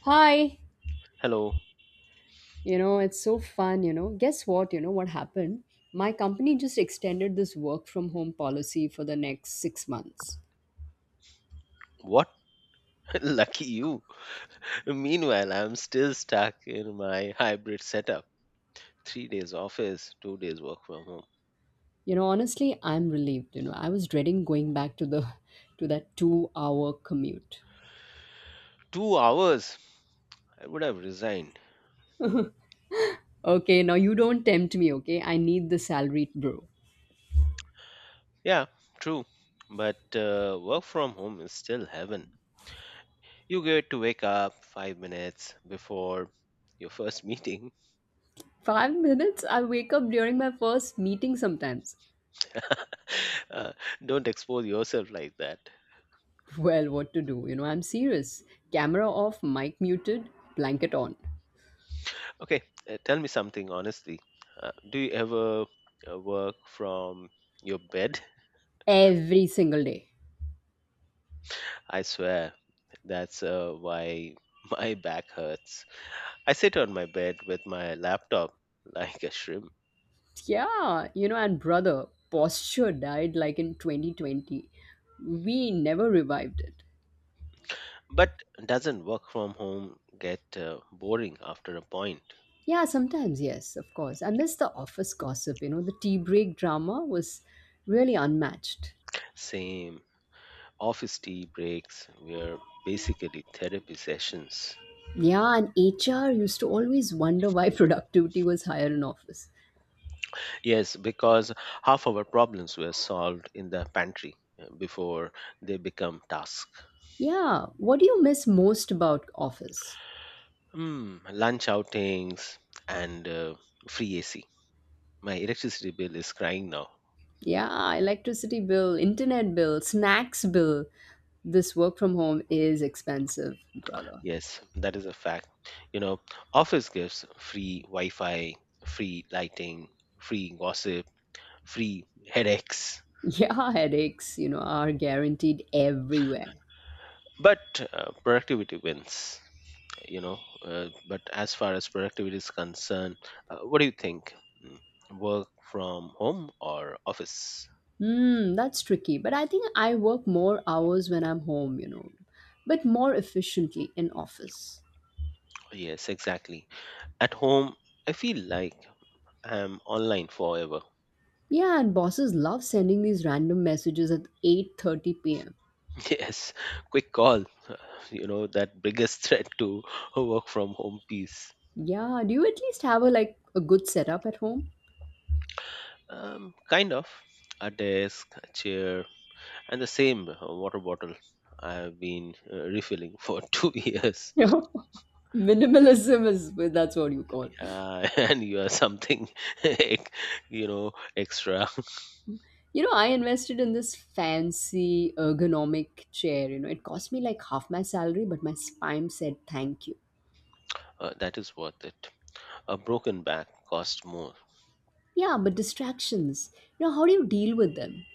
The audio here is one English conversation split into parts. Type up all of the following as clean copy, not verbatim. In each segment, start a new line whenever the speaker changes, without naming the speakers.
Hi,
Hello.
it's so fun, Guess what, what happened? My company just extended this work from home policy for the next 6 months.
What? Lucky you. Meanwhile, I'm still stuck in my hybrid setup. 3 days office, 2 days work from home.
You know, honestly, I'm relieved, I was dreading going back to the to that 2-hour commute.
2 hours, I would have resigned.
Okay, now you don't tempt me, okay? I need the salary, bro.
Yeah, true. But work from home is still heaven. You get to wake up 5 minutes before your first meeting.
5 minutes I wake up during my first meeting sometimes.
Uh, don't expose yourself like that.
Well, what to do? You know, I'm serious. Camera off, mic muted, blanket on
Okay, tell me something honestly. Do you ever work from your bed?
every single day.
I swear, that's why my back hurts. I sit on my bed with my laptop like a shrimp.
Yeah, you know, and brother, posture died like in 2020. We never revived it.
But doesn't work from home get boring after a point?
Yeah, sometimes, yes, of course. I miss the office gossip, you know, the tea break drama was really unmatched.
Same office tea breaks were basically therapy sessions.
Yeah, and HR used to always wonder why productivity was higher in office.
Yes, because half our problems were solved in the pantry before they become tasks.
Yeah, what do you miss most about office?
Hmm, lunch outings and free AC. My electricity bill is crying now.
Yeah, electricity bill, internet bill, snacks bill. This work from home is expensive, brother.
Yes, that is a fact. You know, Office gifts, free Wi Fi, free lighting, free gossip, free headaches.
Yeah, headaches, are guaranteed everywhere.
But productivity wins, you know. But as far as productivity is concerned, what do you think? Mm, Work from home or office?
Hmm, that's tricky. But I think I work more hours when I'm home, you know, but more efficiently in office.
Yes, exactly. At home, I feel like I'm online forever.
Yeah, and bosses love sending these random messages at 8:30 p.m.
Yes, quick call. That biggest threat to work from home peace.
Yeah, do you at least have a like a good setup at home?
Kind of. A desk, a chair, and the same water bottle I have been refilling for 2 years.
No. Minimalism is well, that's what you call.
And you are something, ex- extra.
You know, I invested in this fancy ergonomic chair, It cost me like half my salary, but my spine said thank you.
That is worth it. A broken back costs more.
Yeah, but distractions. You know, how do you deal with them?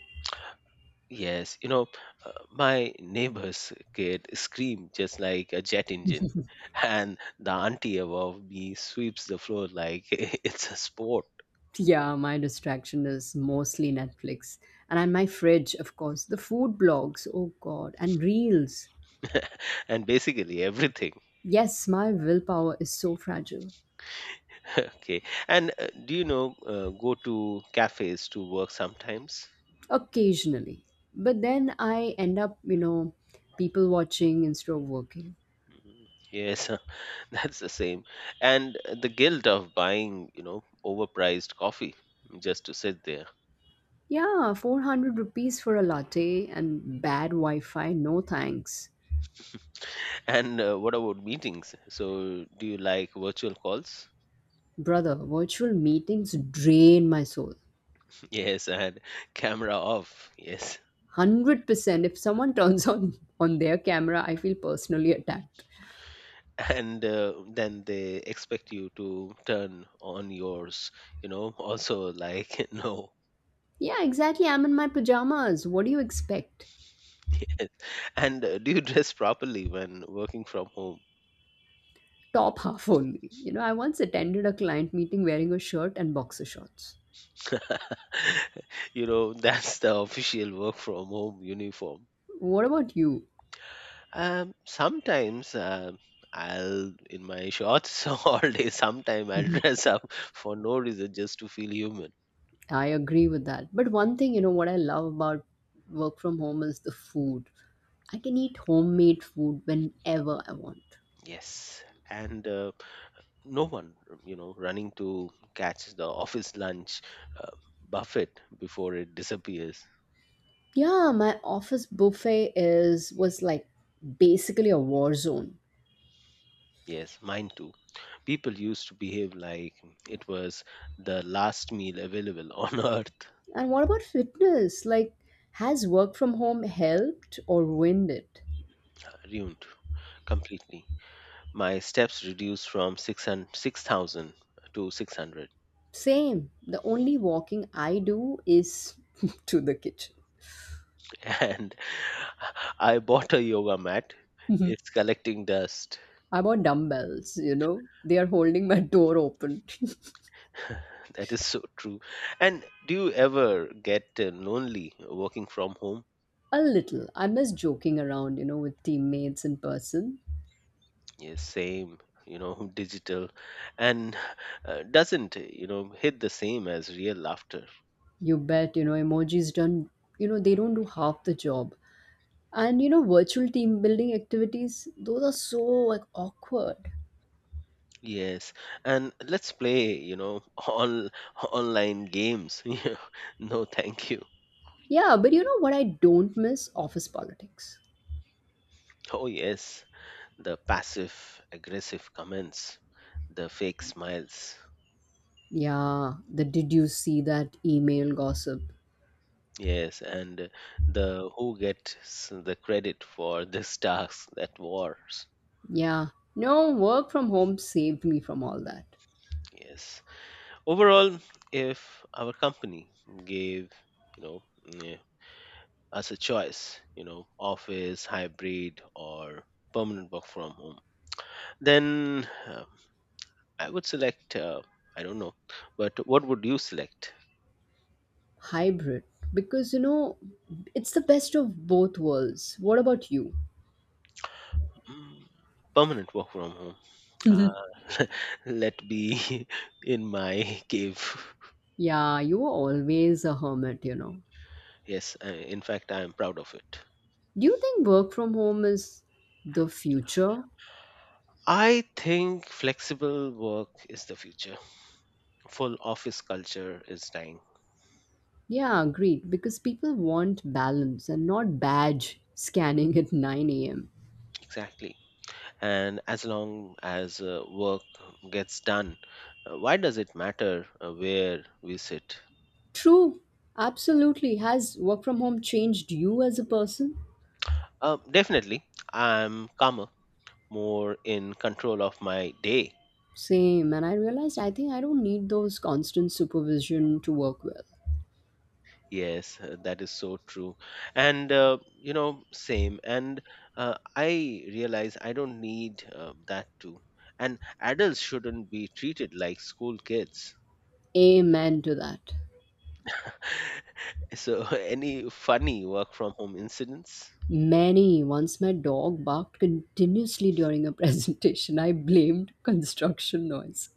Yes, my neighbor's kid screamed just like a jet engine. And the auntie above me sweeps the floor like it's a sport
Yeah, my distraction is mostly Netflix. And on my fridge, of course, the food blogs, oh god, and reels.
and basically everything.
Yes, my willpower is so fragile.
Okay. And do you know, go to cafes to work sometimes?
Occasionally. But then I end up, people watching instead of working.
Mhm. Yes, that's the same. And the guilt of buying, overpriced coffee just to sit there.
Yeah, 400 rupees for a latte and bad Wi Fi, no thanks.
And what about meetings? So, do you like virtual calls?
Brother, virtual meetings drain my soul.
Yes, and camera off. Yes.
100% if someone turns on their camera, I feel personally attacked.
And then they expect you to turn on yours, also like, no.
Yeah, exactly, I'm in my pajamas, what do you expect?
Yes. And do you dress properly when working from home?
Top half only, you know, I once attended a client meeting wearing a shirt and boxer shorts.
That's the official work from home uniform.
What about you?
Sometimes I'll, in my shorts all day. Sometimes I'll
Mhm.
dress up for no reason just to feel human.
I agree with that, but one thing, you know, what I love about work from home is the food. I can eat homemade food whenever I want.
Yes. And no one, running to catch the office lunch uh, buffet before it disappears.
Yeah, my office buffet is was like basically a war zone.
Yes, mine too. People used to behave like it was the last meal available on earth.
And what about fitness? Like, has work from home helped or ruined it?
Ruined completely. My steps reduced from 600 6,000 to 600.
Same. The only walking I do is to the kitchen.
And I bought a yoga mat. It's collecting dust.
I bought dumbbells, They are holding my door open.
That is so true. And do you ever get lonely working from home?
A little. I miss joking around, you know, with teammates in person.
Yes, same. You know, digital and doesn't hit the same as real laughter.
You bet, you know, emojis done, they don't do half the job. And, you know, virtual team building activities, those are so like awkward.
Yes, and let's play, all online games. You know, no thank you.
Yeah, but you know what I don't miss? Office politics.
Oh yes, the passive aggressive comments, the fake smiles.
Yeah, the did you see that email gossip?
Yes, and the who gets the credit for this task that wars.
Yeah, no, work from home saved me from all that.
Yes. Overall, if our company gave, you know, mm, us a choice, office, hybrid, or permanent work from home, then I would select. I don't know, but what would you select?
Hybrid, because you know, it's the best of both worlds. What about you?
Mm, Permanent work from home. Uh, Let be in my cave.
Yeah, you were always a hermit,
Yes, in fact, I am proud of it.
Do you think work from home is the future?
I think flexible work is the future. Full office culture is dying.
Yeah, agreed, because people want balance and not badge scanning at 9 a.m.
Exactly. And as long as work gets done, why does it matter where we sit?
True, absolutely. Has work from home changed you as a person?
Definitely, I'm calmer, more in control of my day.
Same, and I realized I think I don't need those constant supervision to work well.
Yes, that is so true. And, same. And I realize I don't need that too. And adults shouldn't be treated like school kids.
Amen to that.
So, any funny work from home incidents?
Many once my dog barked continuously during a presentation. I blamed construction noise.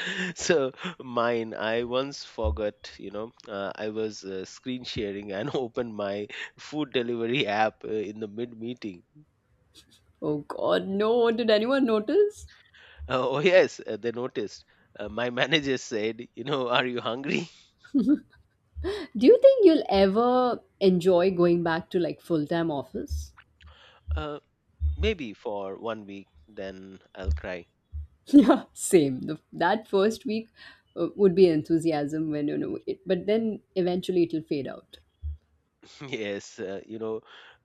So, mine, I once forgot, I was screen sharing and opened my food delivery app in the mid meeting.
Oh god, no, did anyone notice?
Oh, yes, they noticed. My manager said, are you hungry?
Do you think you'll ever enjoy going back to like full time office?
Uh, Maybe for one week, then I'll cry.
Yeah, same. That first week would be enthusiasm when you know it, but then eventually it'll fade out.
Yes,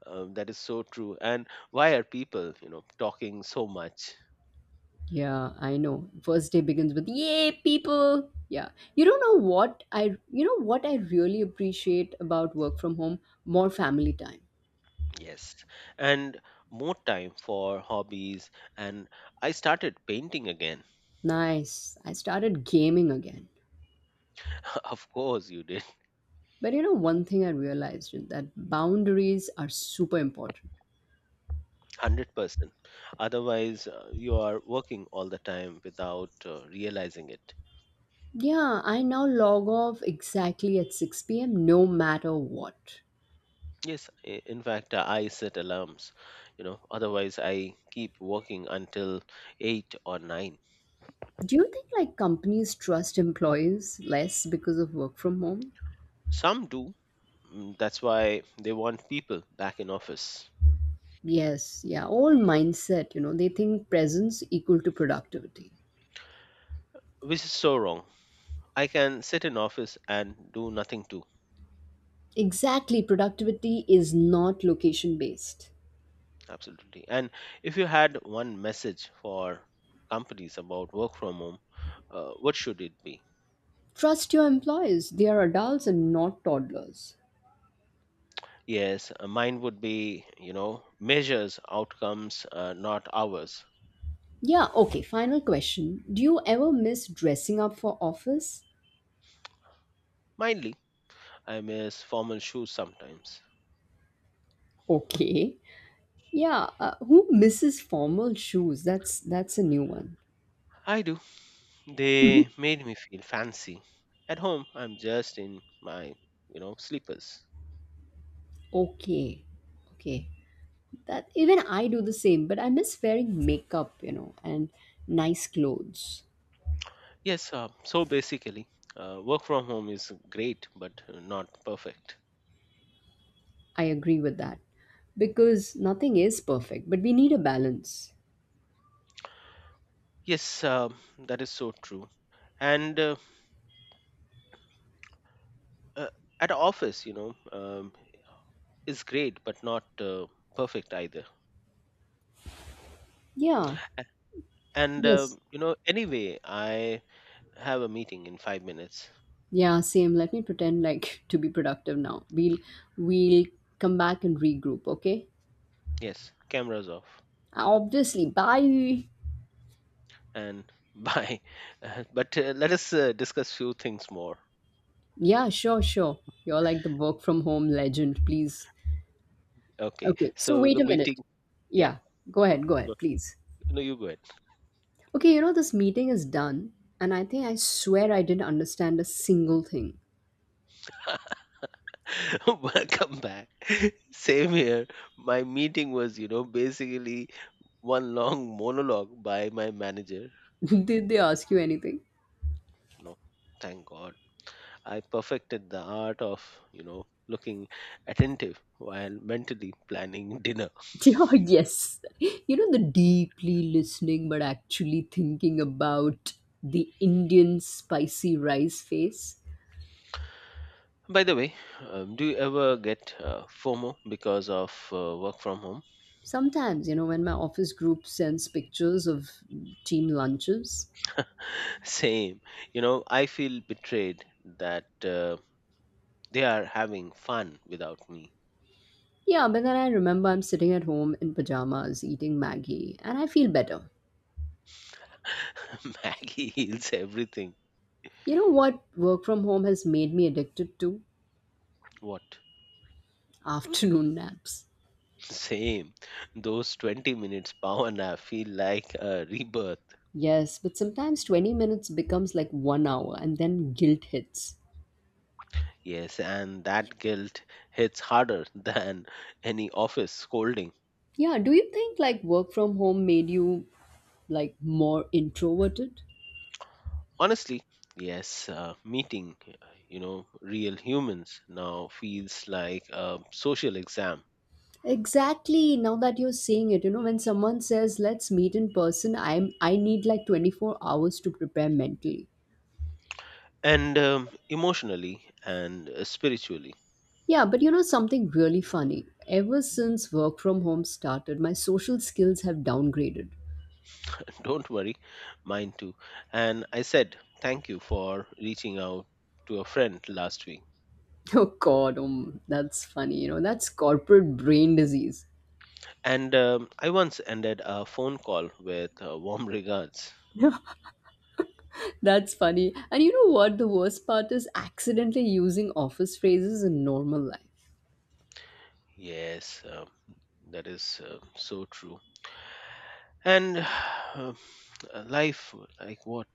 that is so true. And why are people talking so much?
Yeah, I know. First day begins with yay people. Yeah. You don't know what I You know what I really appreciate about work from home? More family time.
Yes, and more time for hobbies, and I started painting again.
Nice. I started gaming again.
Of course you did.
But you know one thing I realized is that boundaries are super important.
100% otherwise you are working all the time without realizing it.
Yeah, I now log off exactly at 6 p.m. no matter what.
Yes, in fact, I set alarms, otherwise I keep working until 8 or 9.
Do you think like companies trust employees less because of work from home?
Some do. That's why they want people back in office,
Yes, yeah, all mindset, you know, they think presence equal to productivity.
which is so wrong. I can sit in office and do nothing too.
Exactly, productivity is not location based.
Absolutely. And if you had one message for companies about work from home, what should it be?
Trust your employees, they are adults and not toddlers.
Yes, mine would be, measures outcomes, not hours.
Yeah, okay, final question. Do you ever miss dressing up for office?
Mindly, I miss formal shoes sometimes.
Okay. Yeah, who misses formal shoes? That's a new one.
I do. They made me feel fancy. At home, I'm just in my, sleepers.
Okay. Okay. That even I do the same, but I miss wearing makeup, you know, and nice clothes.
Yes, so basically, work from home is great, but not perfect.
I agree with that because nothing is perfect, but we need a balance.
Yes, that is so true. And uh, at office, is great, but not perfect either.
Yeah.
A- And
Yes.
anyway, I have a meeting in 5 minutes.
Yeah, same. Let me pretend like to be productive now. We'll come back and regroup, okay?
Yes, cameras off
Obviously. Bye.
and bye. But let us discuss few things more.
Yeah, sure. You're like the work from home legend, please.
Okay,
Okay, so
so
wait
the
a
meeting.
minute.
Yeah,
Yeah, go
go.
ahead, please.
No, you go ahead.
Okay, you know, this meeting is done, and I think I swear I didn't understand a single thing.
Welcome back. Same here. My meeting was, basically one long monologue by my manager.
Did they ask you anything?
No, thank God. I perfected the art of, looking attentive while mentally planning dinner.
Yeah, yes. You know, the deeply listening but actually thinking about the Indian spicy rice face.
By the way, do you ever get FOMO because of work from home?
Sometimes, you know, when my office group sends pictures of team lunches.
Same. I feel betrayed that they are having fun without me.
Yeah, but then I remember I'm sitting at home in pajamas eating Maggie and I feel better.
Maggie heals everything.
You know what work from home has made me addicted to?
What?
Afternoon naps.
Same. Those 20 minutes power nap feel like a rebirth.
Yes, but sometimes 20 minutes becomes like 1 hour and then guilt hits.
Yes, and that guilt hits harder than any office scolding.
Yeah, do you think like work from home made you like more introverted?
Honestly, yes, meeting, real humans now feels like a social exam.
Exactly. Now that you're saying it, you know, when someone says let's meet in person, I need like 24 hours to prepare mentally.
And emotionally and spiritually.
Yeah, but you know something really funny. Ever since work from home started, my social skills have downgraded.
Don't worry, mine too. And I said, thank you for reaching out to a friend last week.
Oh god, that's funny. You know, that's corporate brain disease.
And I once ended a phone call with warm regards.
That's funny. And you know what the worst part is accidentally using office phrases in normal life.
Yes, that is so true. And uh, life, like what?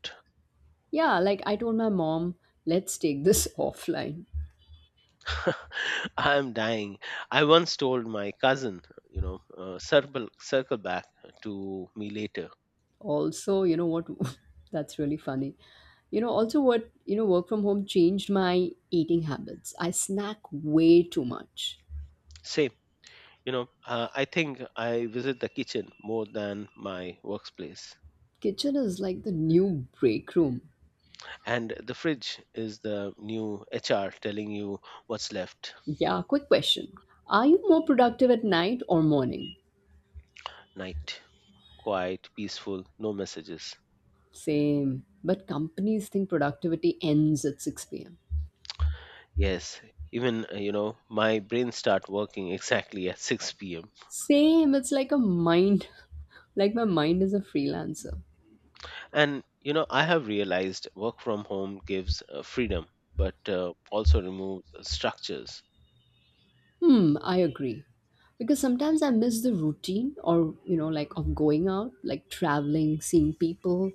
Yeah, like I told my mom, let's take this offline.
I'm dying. I once told my cousin, circle back to me later.
Also, you know what? That's really funny. You know, also what, you know, work from home changed my eating habits. I snack way too much.
Same. I think I visit the kitchen more than my workplace,
Kitchen is like the new break room.
and the fridge is the new HR telling you what's left.
Yeah, quick question. Are you more productive at night or morning?
Night. Quiet, peaceful, no messages.
Same. But companies think productivity ends at 6 p.m.
Yes, even my brain start working exactly at 6 p.m.
Same. It's like a mind, like my mind is a freelancer.
And I have realized work from home gives freedom, but also removes structures.
Hmm, I agree. Because sometimes I miss the routine or, you know, like of going out, like traveling, seeing people.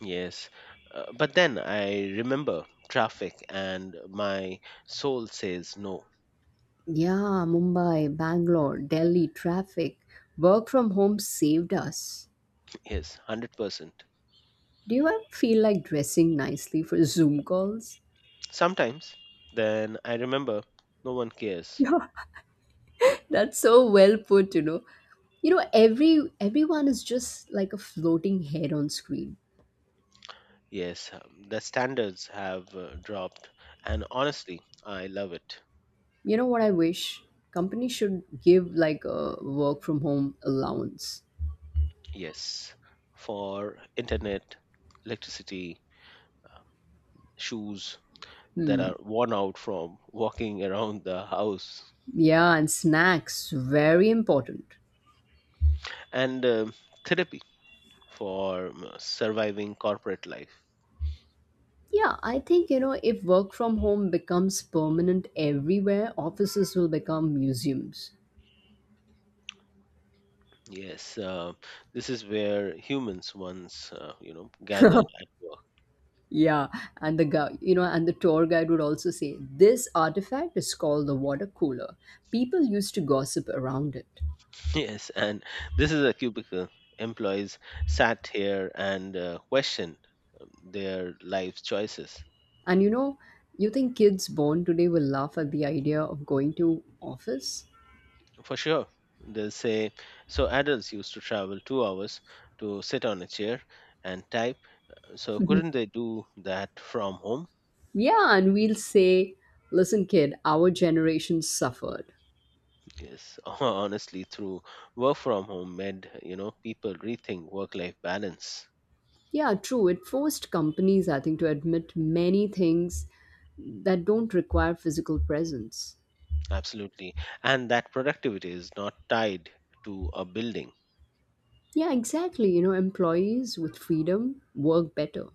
Yes. But then I remember traffic and my soul says no.
Yeah, Mumbai, Bangalore, Delhi, traffic. Work from home saved us.
Yes, 100%.
Do you ever feel like dressing nicely for Zoom calls?
Sometimes then I remember no one cares.
Yeah. That's so well put, You know, everyone is just like a floating head on screen.
Yes, the standards have dropped, and honestly, I love it.
You know what I wish? Companies should give like a work from home allowance.
Yes, for internet, electricity, shoes that are worn out from walking around the house,
Yeah, and snacks, very important.
and therapy for surviving corporate life.
Yeah, I think, you know, if work from home becomes permanent everywhere, offices will become museums.
Yes, this is where humans once, gathered at work.
Yeah, and the guy, you know, and the tour guide would also say, this artifact is called the water cooler. People used to gossip around it.
Yes, and this is a cubicle. Employees sat here and questioned their life choices.
And you know, you think kids born today will laugh at the idea of going to office?
For sure, they'll say, so adults used to travel 2 hours to sit on a chair and type. So couldn't they do that from home?
Yeah, and we'll say, listen, kid, our generation suffered.
Yes, honestly, through work from home made, people rethink work-life balance.
Yeah, true. It forced companies, I think, to admit many things that don't require physical presence.
Absolutely. And that productivity is not tied to a building.
Yeah, exactly. You know, employees with freedom work better.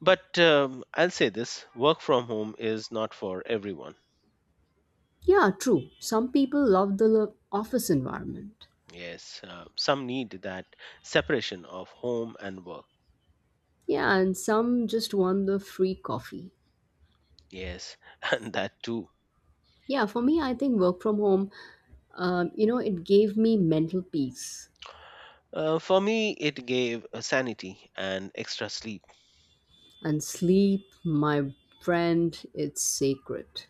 But I'll say this work from home is not for everyone.
Yeah, true. Some people love the lo- office environment.
Yes, some need that separation of home and work.
Yeah, and some just want the free coffee.
Yes, and that too.
Yeah, for me, I think work from home, you know, it gave me mental peace
For me, it gave sanity and extra sleep.
and sleep, my friend, it's sacred.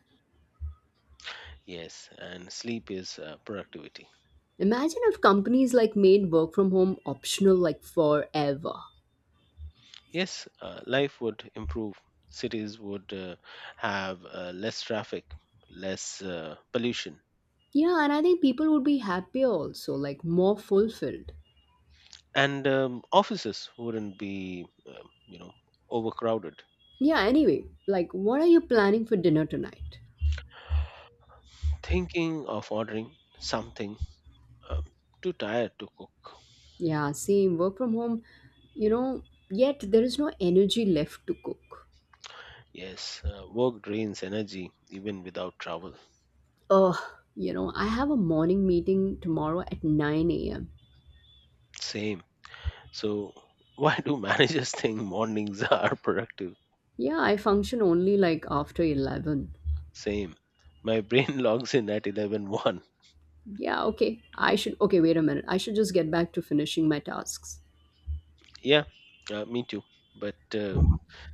Yes, and sleep is productivity.
Imagine if companies like made work from home optional like forever.
Yes, life would improve. Cities would have less traffic, less pollution,
Yeah, and I think people would be happier also, like more fulfilled.
and offices wouldn't be, you know, overcrowded.
Yeah, anyway, like what are you planning for dinner tonight?
Thinking of ordering something. Um, Too tired to cook.
Yeah, same work from home, you know, yet there is no energy left to cook.
Yes, work drains energy even without travel.
Ugh, you know, I have a morning meeting tomorrow at 9 a.m.
Same. So, why do managers think mornings are productive?
Yeah, I function only like after 11.
Same. My brain logs in at eleven one.
Yeah, okay. Okay, wait a minute. I should just get back to finishing my tasks.
Yeah, me too. But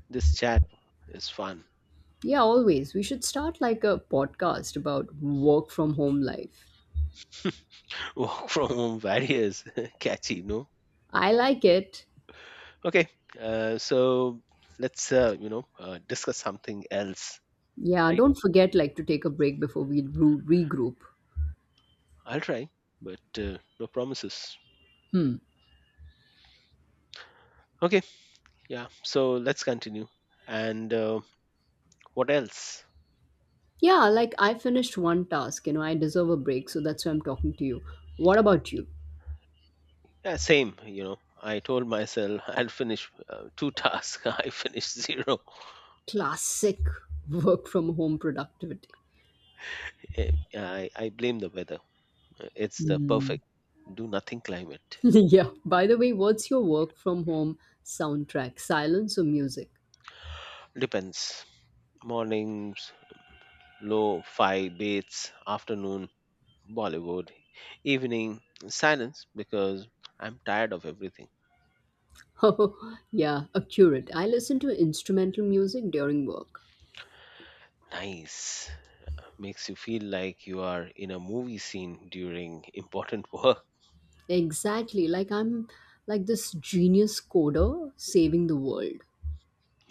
this chat is fun.
Yeah, always. We should start like a podcast about work from home life.
Work from home various catchy, no?
I like it.
Okay, so let's, discuss something else,
Yeah,
right?
don't forget like to take a break before we regroup.
I'll try, but no promises. Okay, yeah. So let's continue. And what else?
Yeah, like I finished one task, you know, I deserve a break, so that's why I'm talking to you. What about you?
Yeah, same. I told myself I'll finish two tasks. I finished zero.
Classic work from home productivity.
Yeah, I blame the weather. It's the
Hmm.
perfect do nothing climate.
Yeah. By the way, what's your work from home soundtrack? Silence or music?
Depends. Mornings low five baits. Afternoon Bollywood. Evening silence because I'm tired of everything.
Oh, yeah, accurate. I listen to instrumental music during work.
Nice. Makes you feel like you are in a movie scene during important work.
Exactly. Like this genius coder saving the world.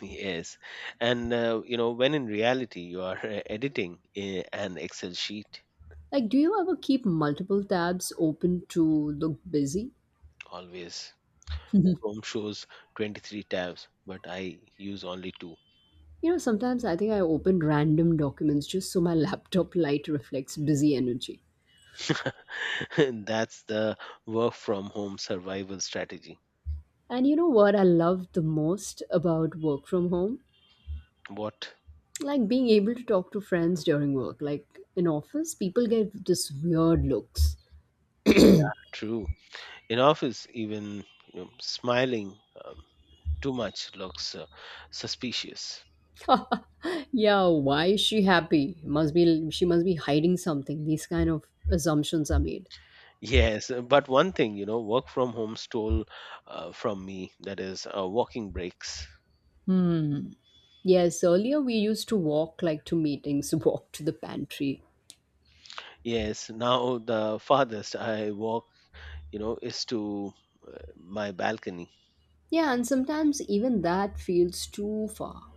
Yes, and you know when in reality you are editing an excel sheet.
Like, do you ever keep multiple tabs open to look busy?
Always. Chrome shows 23 tabs but I use only two.
You know, sometimes I think I open random documents just so my laptop light reflects busy energy.
That's the work from home survival strategy.
And you know what I love the most about work from home?
What?
Like being able to talk to friends during work. Like in office, people get this weird looks.
True. In office even, you know, smiling um, too much looks suspicious.
Yeah, why is she happy? Must be she must be hiding something. These kind of assumptions are made.
Yes, but one thing, you know, work from home stole from me, that is walking breaks.
Hmm. Yes, earlier we used to walk like to meetings, walk to the pantry.
Yes, now the farthest I walk, you know, is to my balcony.
Yeah, and sometimes even that feels too far.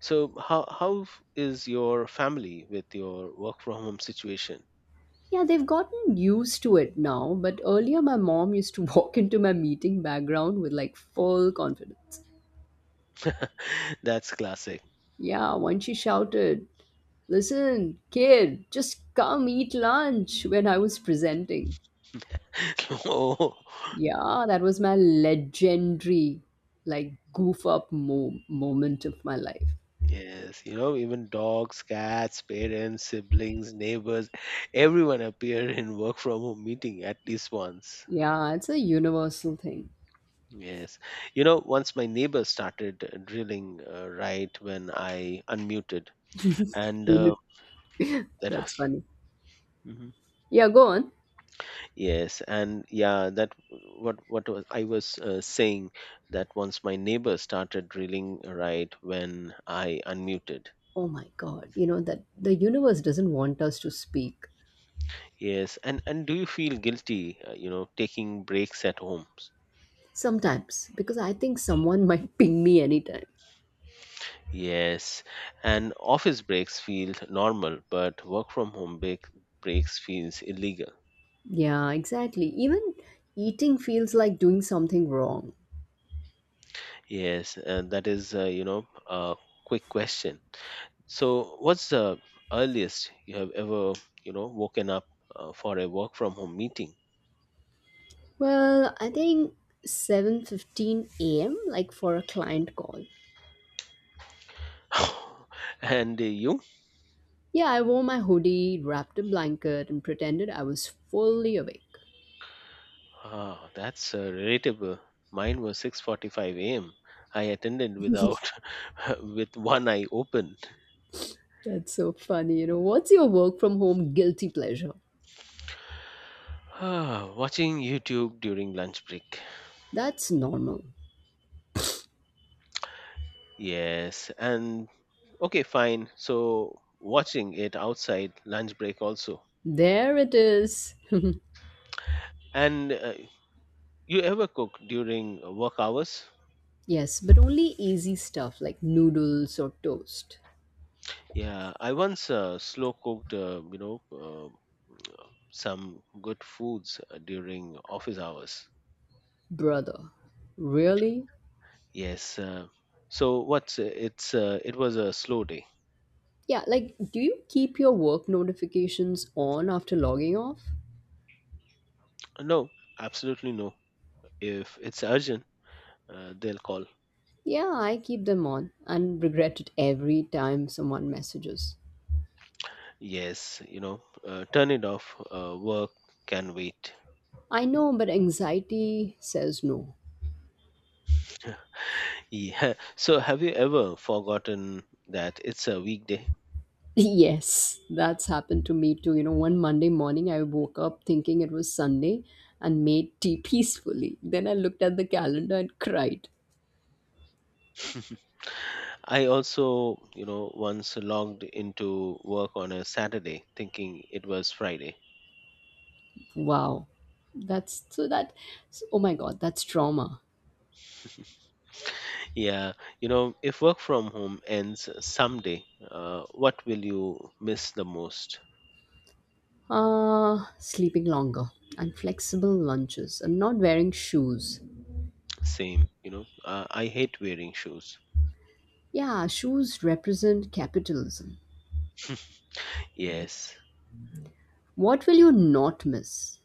So how is your family with your work from home situation?
Yeah, they've gotten used to it now, but earlier my mom used to walk into my meeting background with like full confidence.
That's classic.
Yeah, once she shouted, "Listen, kid, just come eat lunch," when I was presenting.
Oh,
Yeah, that was my legendary, like, goof up moment of my life.
yes, you know, even dogs, cats, parents, siblings, neighbors, everyone appear in work from home meeting at least once.
Yeah, it's a universal thing.
Yes. You know, once my neighbor started drilling right when I unmuted, and
Uni-
that.
That's funny.
Mhm.
Yeah, go on.
Yes, and yeah, that w- what was, I was saying that once my neighbor started drilling right when I unmuted.
Oh my God, you know that the universe doesn't want us to speak
Yes, and do you feel guilty, you know, taking breaks at homes?
sometimes because I think someone might ping me anytime.
Yes, and office breaks feel normal, but work from home breaks feels illegal.
Yeah, exactly. Even eating feels like doing something wrong.
Yes, that is, you know, a quick question. So, what's the earliest you have ever, you know, woken up for a work from home meeting?
Well, I think 7:15 a.m. like for a client call.
And you?
Yeah, I wore my hoodie, wrapped a blanket, and pretended I was fully awake.
Ah, that's relatable. Mine was 6:45 a.m. I attended without with one eye open.
That's so funny, you know. What's your work from home guilty pleasure?
Ah, watching YouTube during lunch break.
That's normal.
Yes, and okay, fine. So, watching it outside lunch break also.
There it is.
And You ever cook during work hours?
Yes, but only easy stuff like noodles or toast.
Yeah, I once slow cooked, you know, some good foods during office hours.
Brother, really?
Yes. So what's it's it was a slow day.
Yeah, like, do you keep your work notifications on after logging off?
No, absolutely no. If it's urgent, they'll call.
Yeah, I keep them on and regret it every time someone messages.
Yes, you know, turn it off. Work can wait.
I know, but anxiety says no.
Yeah. So have you ever forgotten that it's a weekday?
Yes, that's happened to me too. You know, one Monday morning I woke up thinking it was Sunday and made tea peacefully. Then I looked at the calendar and cried.
I also, you know, once logged into work on a Saturday thinking it was Friday.
Wow. That's so that oh my god, that's trauma.
Yeah, you know, if work from home ends someday, what will you miss the most?
Sleeping longer and flexible lunches and not wearing shoes.
Same, you know, I hate wearing shoes.
Yeah, shoes represent capitalism.
Yes.
What will you not miss?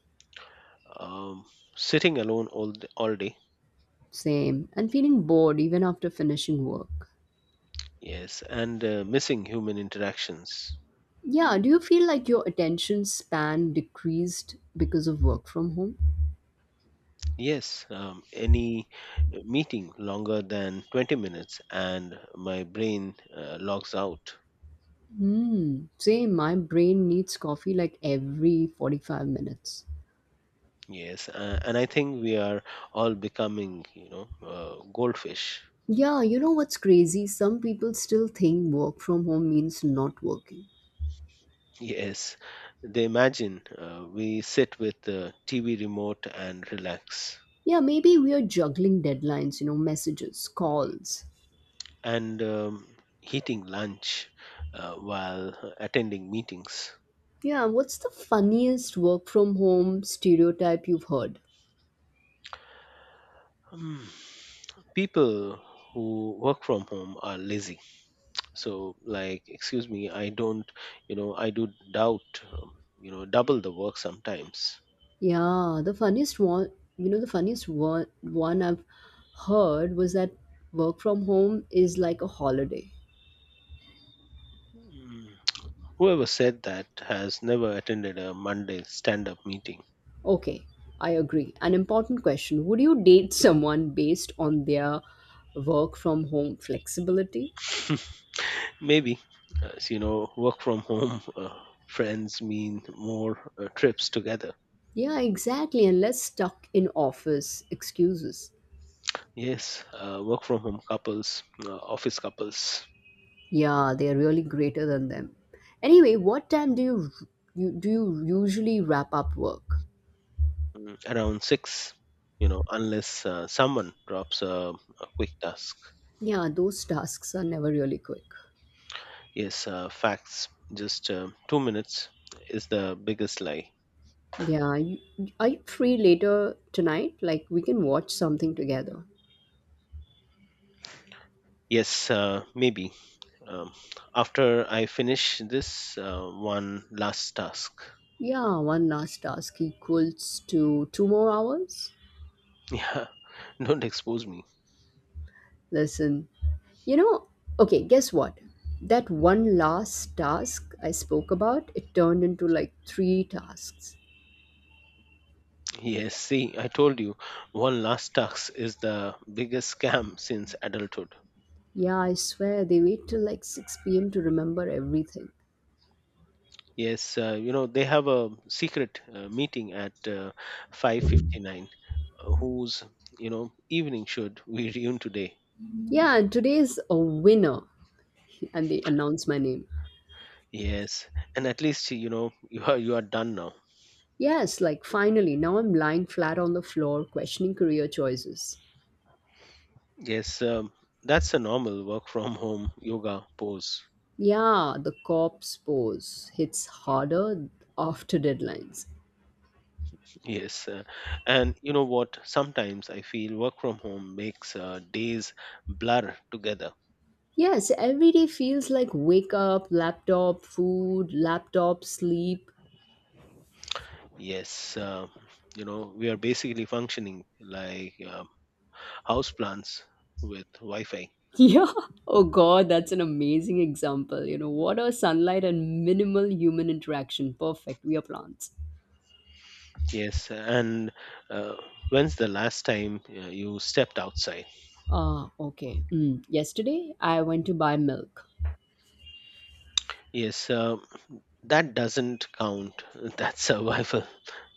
Um, Sitting alone all day.
Same. And feeling bored even after finishing work.
Yes. And missing human interactions.
Yeah, do you feel like your attention span decreased because of work from home?
Yes, any meeting longer than 20 minutes and my brain logs out.
Hmm, same. My brain needs coffee like every 45 minutes.
Yes, and I think we are all becoming, you know, goldfish.
Yeah, you know what's crazy? Some people still think work from home means not working.
Yes, they imagine we sit with the TV remote and relax,
Yeah, maybe we are juggling deadlines, you know, messages, calls.
and eating lunch while attending meetings.
Yeah, what's the funniest work from home stereotype you've heard?
Hmm. People who work from home are lazy. So, like, excuse me, I don't, you know, doubt, um, double the work sometimes.
Yeah, the funniest one, you know, the funniest one I've heard was that work from home is like a holiday.
Mm. Whoever said that has never attended a Monday stand up meeting.
Okay, I agree. An important question. Would you date someone based on their work from home flexibility?
Maybe, as you know, work from home friends mean more trips together.
Yeah, exactly. And less stuck in office excuses.
Yes, work from home couples, office couples,
Yeah, they are really greater than them. Anyway, what time do you usually wrap up work?
around 6, you know, unless someone drops a quick task.
Yeah, those tasks are never really quick.
Yes, facts, just 2 minutes is the biggest lie.
Yeah, are you free later tonight? Like we can watch something together.
Yes, maybe um, after I finish this one last task.
Yeah, one last task equals to two more hours.
Yeah, don't expose me.
Listen, you know, okay, guess what? That one last task I spoke about, it turned into like three tasks.
Yes, see, I told you, one last task is the biggest scam since adulthood.
Yeah, I swear they wait till like 6 p.m. to remember everything.
Yes, you know they have a secret meeting at 5:59. Whose, you know, evening should we reun today?
Yeah, and today's a winner. And they announce my name.
Yes, and at least you know you are done now.
Yes, like finally, now I'm lying flat on the floor questioning career choices.
Yes, that's a normal work from home yoga pose.
Yeah, the corpse pose hits harder after deadlines.
Yes, and you know what? Sometimes I feel work from home makes days blur together.
Yes, every day feels like wake up, laptop, food, laptop, sleep.
Yes, you know, we are basically functioning like house with Wi Fi.
Yeah. Oh god, that's an amazing example. You know, water, sunlight and minimal human interaction? Perfect. We are plants.
Yes, and uh, when's the last time you stepped outside?
Ah, okay. Mm. Yesterday, I went to buy milk.
Yes, that doesn't count. That's survival,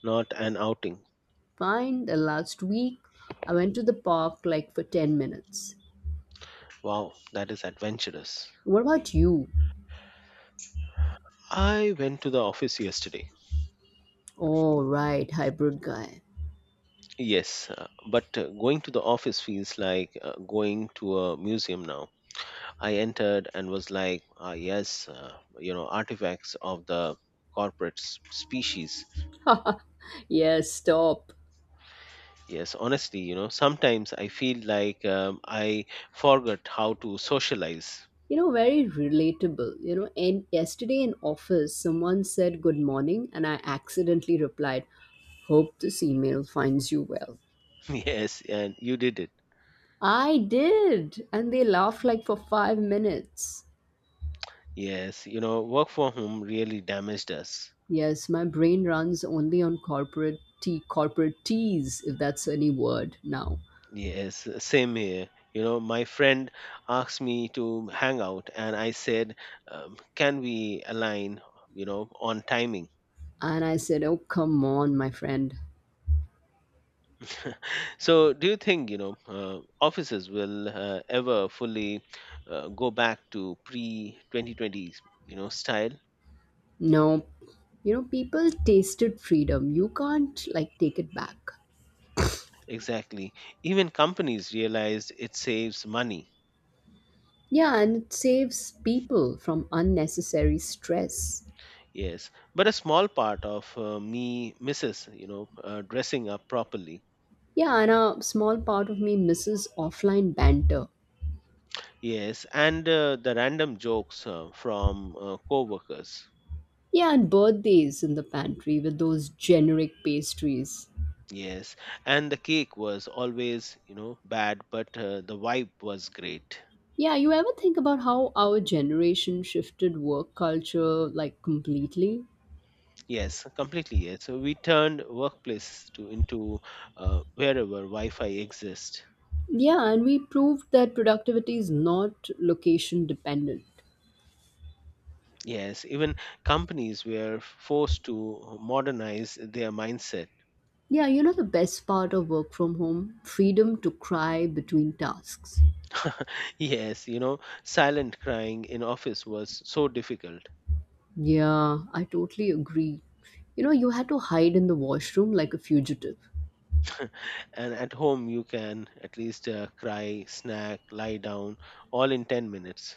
not an outing.
Fine. The last week, I went to the park like for 10 minutes.
Wow, that is adventurous.
What about you?
I went to the office yesterday.
Oh, right, hybrid guy.
Yes, but going to the office feels like going to a museum now. I entered and was like, ah, yes, you know, artifacts of the corporate species.
Yes, stop.
Yes, honestly, you know, sometimes I feel like I forgot how to socialize.
You know, very relatable. You know, and yesterday in office, someone said good morning, and I accidentally replied, "Hope this email finds you well."
Yes, and you did it.
I did, and they laughed like for 5 minutes.
Yes, you know, work from home really damaged us.
Yes, my brain runs only on corporate tea, corporate teas, if that's any word now.
Yes, same here. You know, my friend asked me to hang out, and I said, "Can we align?" You know, on timing.
And I said, "Oh, come on, my friend."
So, do you think, you know, offices will ever fully go back to pre 2020, you know, style?
No, you know, people tasted freedom. You can't like take it back.
Exactly. Even companies realized it saves money.
Yeah, and it saves people from unnecessary stress.
Yes, but a small part of me misses, you know, dressing up properly.
Yeah, and a small part of me misses offline banter.
Yes, and the random jokes from co-workers.
Yeah, and birthdays in the pantry with those generic pastries.
Yes, and the cake was always, you know, bad, but the vibe was great.
Yeah, you ever think about how our generation shifted work culture like completely?
Yes, completely yes. So we turned workplace to into wherever Wi-Fi exists.
Yeah, and we proved that productivity is not location dependent.
Yes, even companies were forced to modernize their mindset.
Yeah, you know the best part of work from home? Freedom to cry between tasks.
Yes, you know, silent crying in office was so difficult.
Yeah, I totally agree. You know, you had to hide in the washroom like a fugitive.
And at home you can at least cry, snack, lie down all in 10 minutes.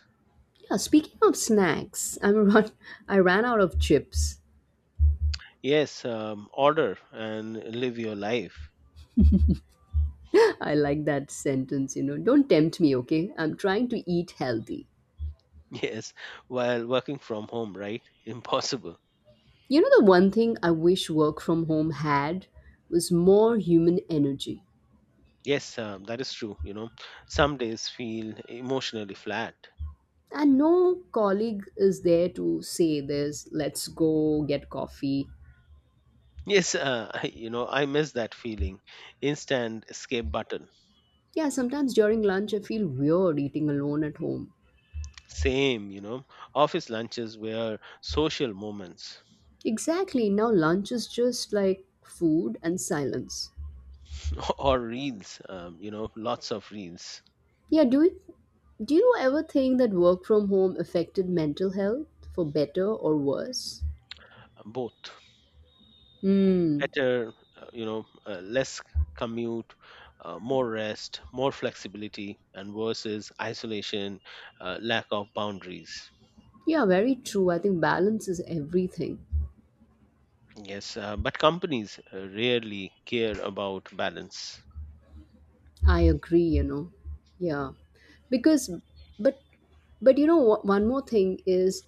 Yeah, speaking of snacks, I'm run I ran out of chips.
Yes, order and live your life.
I like that sentence, you know. Don't tempt me, okay? I'm trying to eat healthy.
Yes, while working from home, right? Impossible.
You know the one thing I wish work from home had was more human energy.
Yes, that is true, you know. Some days feel emotionally flat.
And no colleague is there to say this, let's go get coffee.
Yes, you know, I miss that feeling. Instant escape button.
Yeah, sometimes during lunch I feel weird eating alone at home.
Same, you know, office lunches were social moments.
Exactly. Now lunch is just like food and silence.
Or reels. You know, lots of reels.
Yeah, do you ever think that work from home affected mental health for better or worse?
Both.
Hmm.
Better, you know, less commute, more rest, more flexibility, and versus isolation, lack of boundaries.
Yeah, very true. I think balance is everything.
Yes, but companies rarely care about balance.
I agree, you know. Yeah. Because but but you know what one more thing is,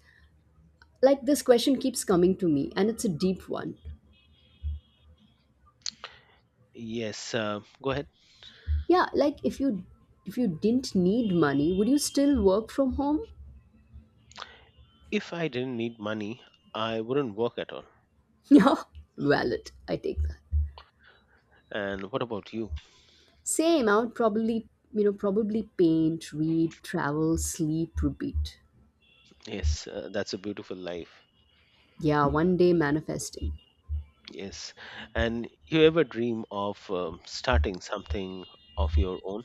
like this question keeps coming to me and it's a deep one.
Yes, go ahead.
Yeah, like if you didn't need money, would you still work from home?
If I didn't need money, I wouldn't work at all.
Yeah, valid. I take that.
And what about you?
Same. I would probably, you know, probably paint, read, travel, sleep, repeat.
Yes, that's a beautiful life.
Yeah, one day manifesting.
Yes, and you ever dream of starting something of your own?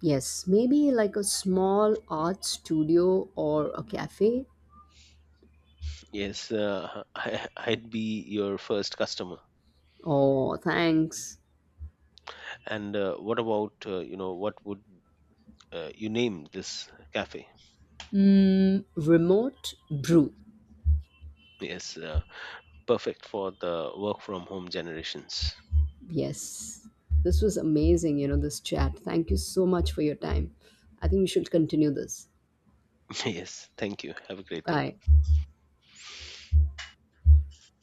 Yes, maybe like a small art studio or a cafe.
Yes, I'd be your first customer.
Oh, thanks.
And what about, you know, what would you name this cafe?
Mm, remote brew.
Yes, perfect for the work from home generations.
Yes, this was amazing. You know this chat. Thank you so much for your time. I think we should continue this.
Yes, thank you. Have a great day.
Bye.